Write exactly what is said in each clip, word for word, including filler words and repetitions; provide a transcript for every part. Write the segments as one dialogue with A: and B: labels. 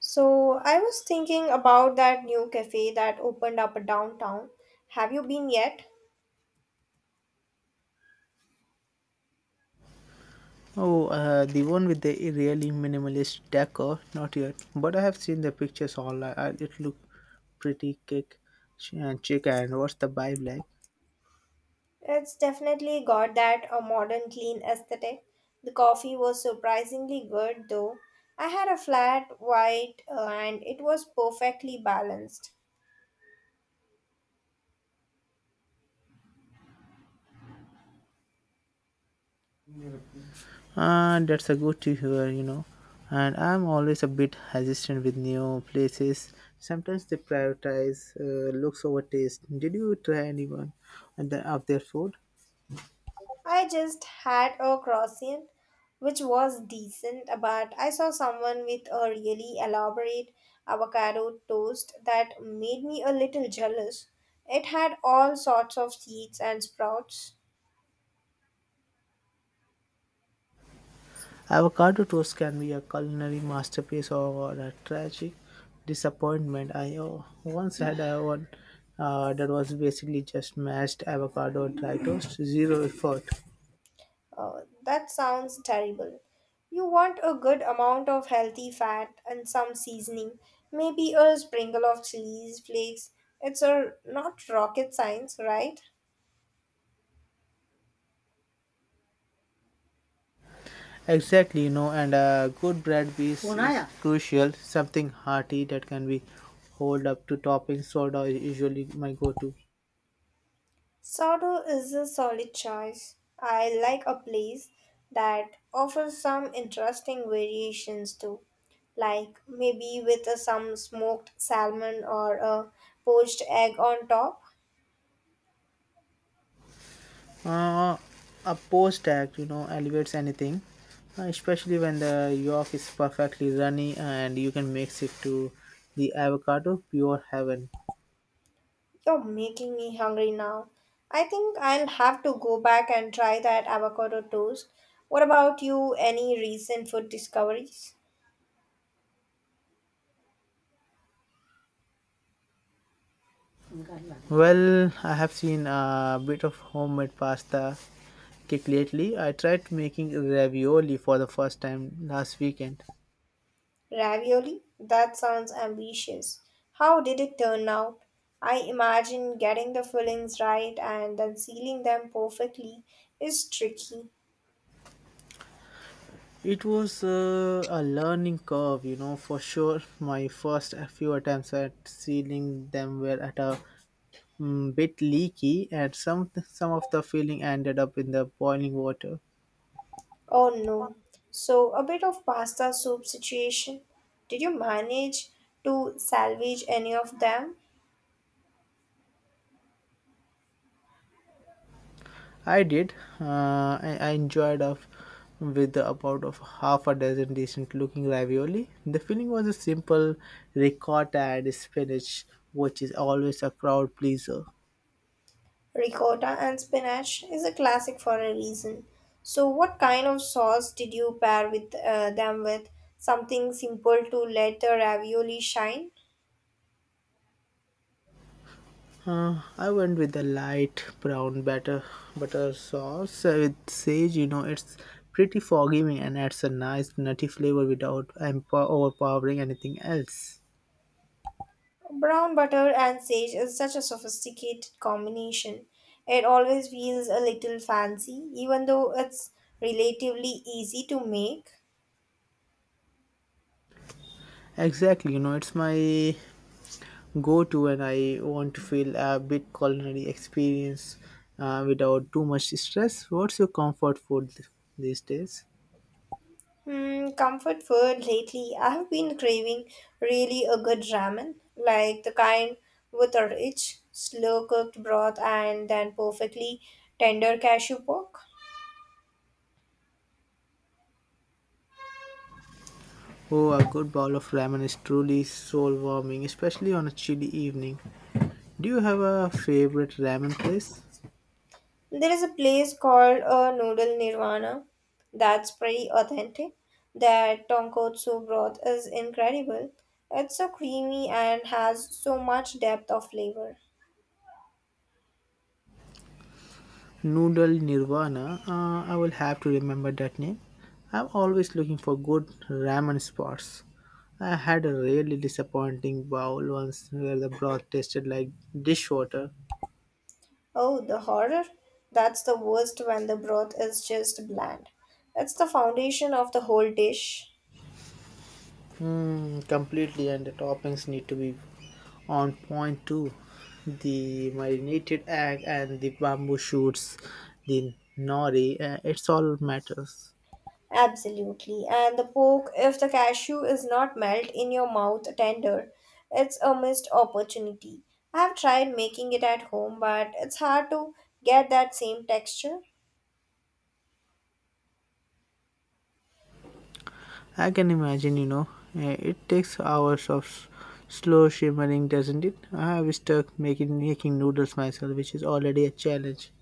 A: So, I was thinking about that new cafe that opened up downtown. Have you been yet?
B: Oh, uh, the one with the really minimalist decor. Not yet, but I have seen the pictures online. Uh, It look pretty kick ch- and chic. And what's the vibe like?
A: It's definitely got that a modern clean aesthetic. The coffee was surprisingly good though. I had a flat white uh, and it was perfectly balanced.
B: Uh, that's a good to hear, you know. And I'm always a bit hesitant with new places. Sometimes they prioritize uh, looks over taste. Did you try anyone and the, of their food?
A: I just had a croissant, which was decent, but I saw someone with a really elaborate avocado toast that made me a little jealous. It had all sorts of seeds and sprouts.
B: Avocado toast can be a culinary masterpiece or a tragic disappointment. I uh, once had a one uh, that was basically just mashed avocado and dry toast, zero effort.
A: Oh, that sounds terrible. You want a good amount of healthy fat and some seasoning, maybe a sprinkle of chilies flakes. It's a not rocket science, right?
B: Exactly, you know, and a good bread piece is crucial. Something hearty that can be hold up to topping soda is usually my go-to.
A: Sodo is a solid choice. I like a place that offers some interesting variations too, like maybe with a- some smoked salmon or a poached egg on top.
B: Uh, a post act, you know, elevates anything, uh, especially when the yolk is perfectly runny and you can mix it to the avocado pure heaven.
A: You're making me hungry now. I think I'll have to go back and try that avocado toast. What about you? Any recent food discoveries?
B: Well, I have seen a bit of homemade pasta kick lately. I tried making ravioli for the first time last weekend.
A: Ravioli? That sounds ambitious. How did it turn out? I imagine getting the fillings right and then sealing them perfectly is tricky.
B: It was uh, a learning curve, you know, for sure. My first few attempts at sealing them were at a mm, bit leaky and some some of the filling ended up in the boiling water.
A: Oh no. So, a bit of pasta soup situation. Did you manage to salvage any of them?
B: I did. Uh, I, I enjoyed off with about of half a dozen decent looking ravioli. The filling was a simple ricotta and spinach, which is always a crowd pleaser.
A: Ricotta and spinach is a classic for a reason. So, what kind of sauce did you pair with uh, them with? Something simple to let the ravioli shine?
B: Uh, I went with a light brown batter butter sauce uh, with sage. You know, it's pretty forgiving and adds a nice nutty flavor without empo- overpowering anything else.
A: Brown butter and sage is such a sophisticated combination. It always feels a little fancy, even though it's relatively easy to make.
B: Exactly, you know, it's my go to when I want to feel a bit culinary experience uh, without too much stress. What's your comfort food th- these days?
A: Hmm, comfort food lately, I've been craving really a good ramen, like the kind with a rich, slow cooked broth and then perfectly tender cashew pork.
B: Oh, a good bowl of ramen is truly soul warming, especially on a chilly evening. Do you have a favorite ramen place?
A: There is a place called uh, Noodle Nirvana that's pretty authentic. Their tonkotsu broth is incredible. It's so creamy and has so much depth of flavor.
B: Noodle Nirvana. Uh, I will have to remember that name. I'm always looking for good ramen spots. I had a really disappointing bowl once where the broth tasted like dishwater.
A: Oh, the horror! That's the worst when the broth is just bland. It's the foundation of the whole dish.
B: Mm, completely, and the toppings need to be on point too. The marinated egg and the bamboo shoots, the nori, uh, it's all matters.
A: Absolutely. And the poke, if the cashew is not melt in your mouth tender, it's a missed opportunity. I have tried making it at home, but it's hard to get that same texture.
B: I can imagine, you know, eh, it takes hours of s- slow shimmering, doesn't it? I have stuck making making noodles myself, which is already a challenge.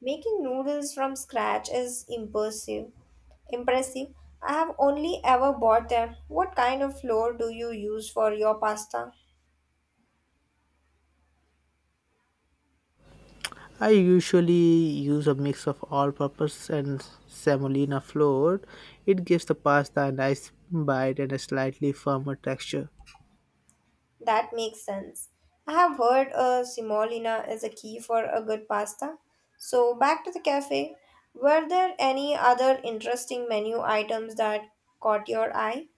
A: Making noodles from scratch is impressive. Impressive. I have only ever bought them. What kind of flour do you use for your pasta?
B: I usually use a mix of all-purpose and semolina flour. It gives the pasta a nice bite and a slightly firmer texture.
A: That makes sense. I have heard uh, semolina is a key for a good pasta. So back to the cafe. Were there any other interesting menu items that caught your eye?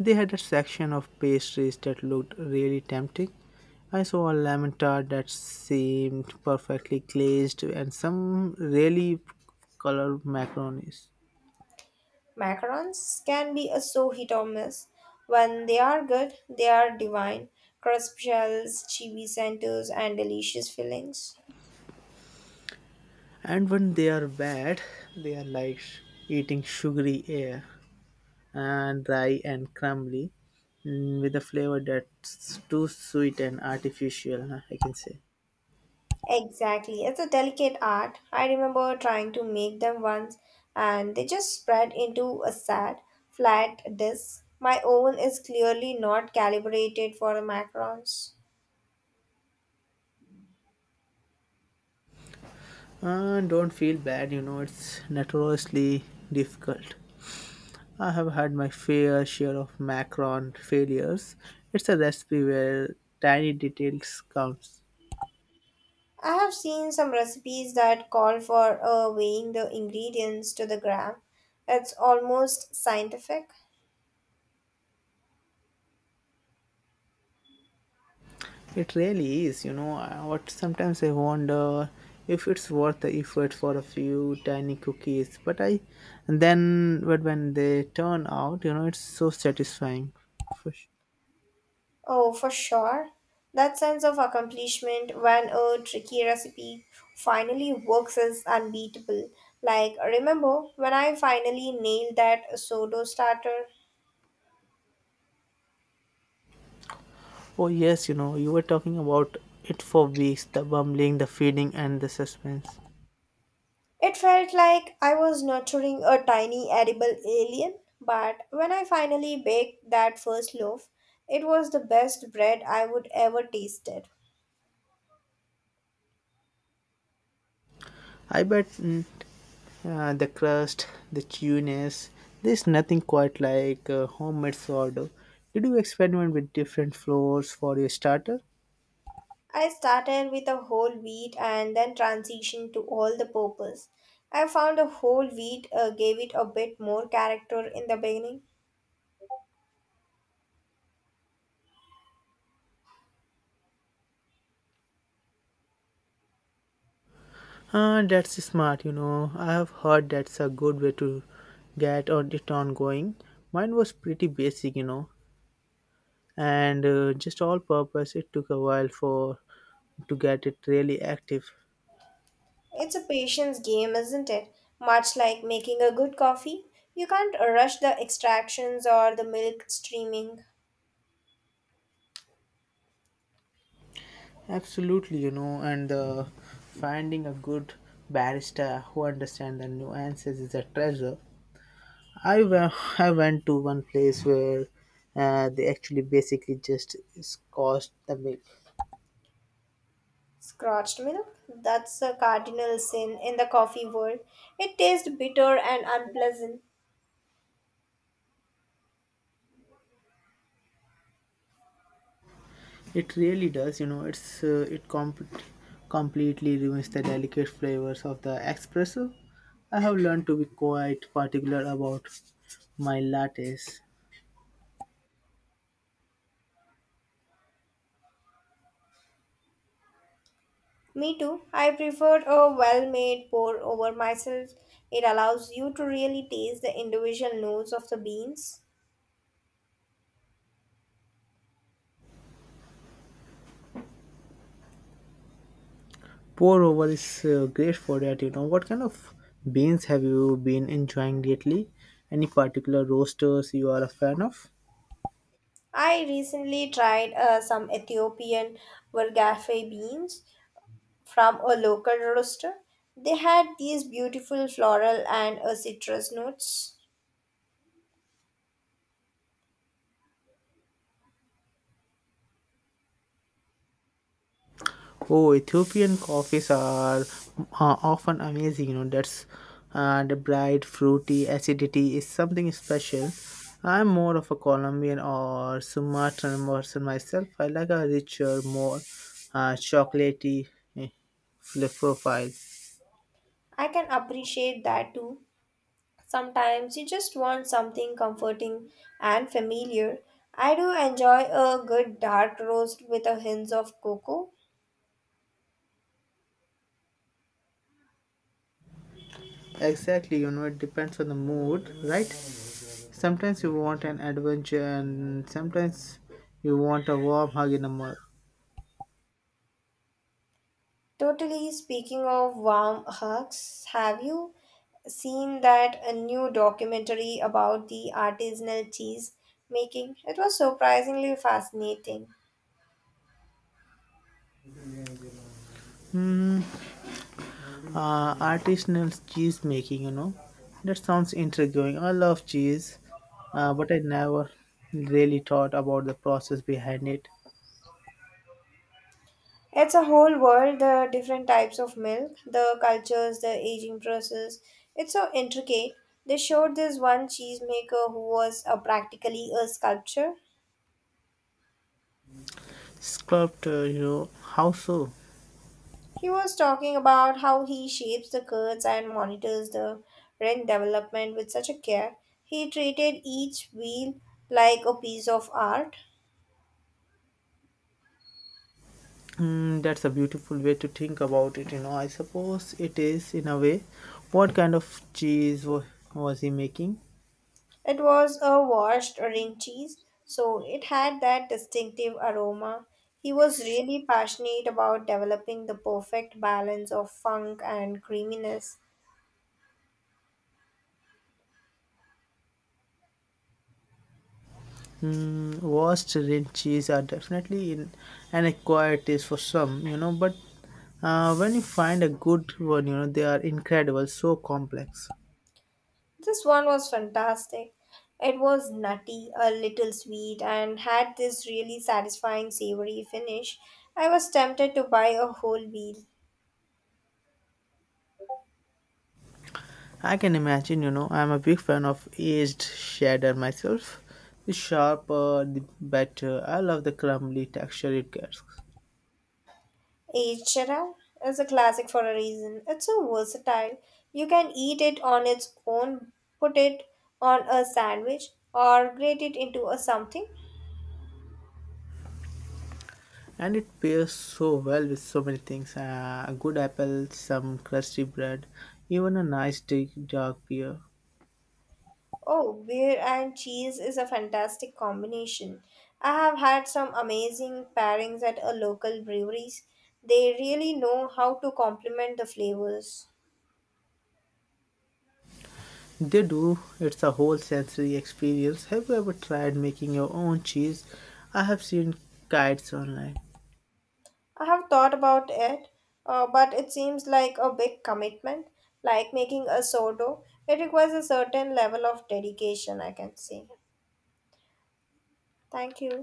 B: They had a section of pastries that looked really tempting. I saw a lemon tart that seemed perfectly glazed and some really colored macaronis.
A: Macarons can be a so hit or miss. When they are good, they are divine. Crisp shells, chibi centers, and delicious fillings.
B: And when they are bad they are like sh- eating sugary air and dry and crumbly, mm, with a flavor that's too sweet and artificial. uh, I can say
A: Exactly. It's a delicate art. I remember trying to make them once and they just spread into a sad, flat disk. My oven is clearly not calibrated for the macarons.
B: and don't feel bad, you know it's notoriously difficult. I have had my fair share of macaron failures. It's a recipe where tiny details counts.
A: I have seen some recipes that call for uh, weighing the ingredients to the gram. It's almost scientific.
B: It really is, you know. uh, What sometimes I wonder if it's worth the effort for a few tiny cookies, but I, and then but when they turn out, you know, it's so satisfying. For sure.
A: Oh, for sure. That sense of accomplishment when a tricky recipe finally works is unbeatable. Like, remember when I finally nailed that sourdough starter?
B: Oh yes, you know, you were talking about it for weeks, the bumbling, the feeding, and the suspense.
A: It felt like I was nurturing a tiny edible alien, but when I finally baked that first loaf, it was the best bread I would ever tasted.
B: I bet. Mm, uh, the crust, the chewiness. There's nothing quite like uh, homemade sourdough. Did you experiment with different flours for your starter?
A: I started with a whole wheat and then transitioned to all the purpose. I found a whole wheat uh, gave it a bit more character in the beginning.
B: Uh, that's smart, you know. I have heard that's a good way to get on it on going. Mine was pretty basic, you know, and uh, just all purpose. It took a while for to get it really active.
A: It's a patience game, isn't it? Much like making a good coffee, you can't rush the extractions or the milk streaming.
B: Absolutely, you know, and uh, finding a good barrister who understands the nuances is a treasure. I went. I went to one place where uh, they actually basically just scorched the milk.
A: Scratched milk? That's a cardinal sin in the coffee world. It tastes bitter and unpleasant.
B: It really does, you know. It's uh, it com- completely ruins the delicate flavors of the espresso. I have learned to be quite particular about my lattes.
A: Me too. I preferred a well made pour over myself. It allows you to really taste the individual notes of the beans.
B: Pour over is uh, great for that, you know. What kind of beans have you been enjoying lately? Any particular roasters you are a fan of?
A: I recently tried uh, some Ethiopian vergafe beans from a local roaster. They had these beautiful floral and uh, citrus notes.
B: Oh, Ethiopian coffees are uh, often amazing. You know, that's uh, the bright, fruity acidity is something special. I'm more of a Colombian or Sumatran person myself. I like a richer, more uh, chocolatey eh, fl- profile.
A: I can appreciate that too. Sometimes you just want something comforting and familiar. I do enjoy a good dark roast with a hint of cocoa.
B: Exactly, you know, it depends on the mood, right? Sometimes you want an adventure, and sometimes you want a warm hug in a mug.
A: Totally. Speaking of warm hugs, have you seen that a new documentary about the artisanal cheese making? It was surprisingly fascinating.
B: Uh, artisanal cheese making, you know, that sounds intriguing. I love cheese, uh, but I never really thought about the process behind it.
A: It's a whole world, the different types of milk, the cultures, the aging process. It's so intricate. They showed this one cheesemaker who was a practically a sculpture.
B: Sculptor, you know, how so?
A: He was talking about how he shapes the curds and monitors the rank development with such a care. He treated each wheel like a piece of art.
B: Mm, that's a beautiful way to think about it, you know. I suppose it is in a way. What kind of cheese wa- was he making?
A: It was a washed ring cheese, so it had that distinctive aroma. He was really passionate about developing the perfect balance of funk and creaminess.
B: Mm, washed and cheese are definitely in an acquired taste for some, you know, but uh, when you find a good one, you know, they are incredible, so complex.
A: This one was fantastic. It was nutty, a little sweet, and had this really satisfying savory finish. I was tempted to buy a whole wheel.
B: I can imagine, you know, I'm a big fan of aged cheddar myself. The sharper, the better. I love the crumbly texture it gets.
A: H R R is a classic for a reason. It's so versatile. You can eat it on its own, put it on a sandwich, or grate it into a something.
B: And it pairs so well with so many things, uh, a good apple, some crusty bread, even a nice di- dark beer.
A: Oh, beer and cheese is a fantastic combination. I have had some amazing pairings at a local breweries. They really know how to complement the flavors.
B: They do. It's a whole sensory experience. Have you ever tried making your own cheese? I have seen guides online.
A: I have thought about it, uh, but it seems like a big commitment, like making a sourdough. It requires a certain level of dedication, I can say. Thank you.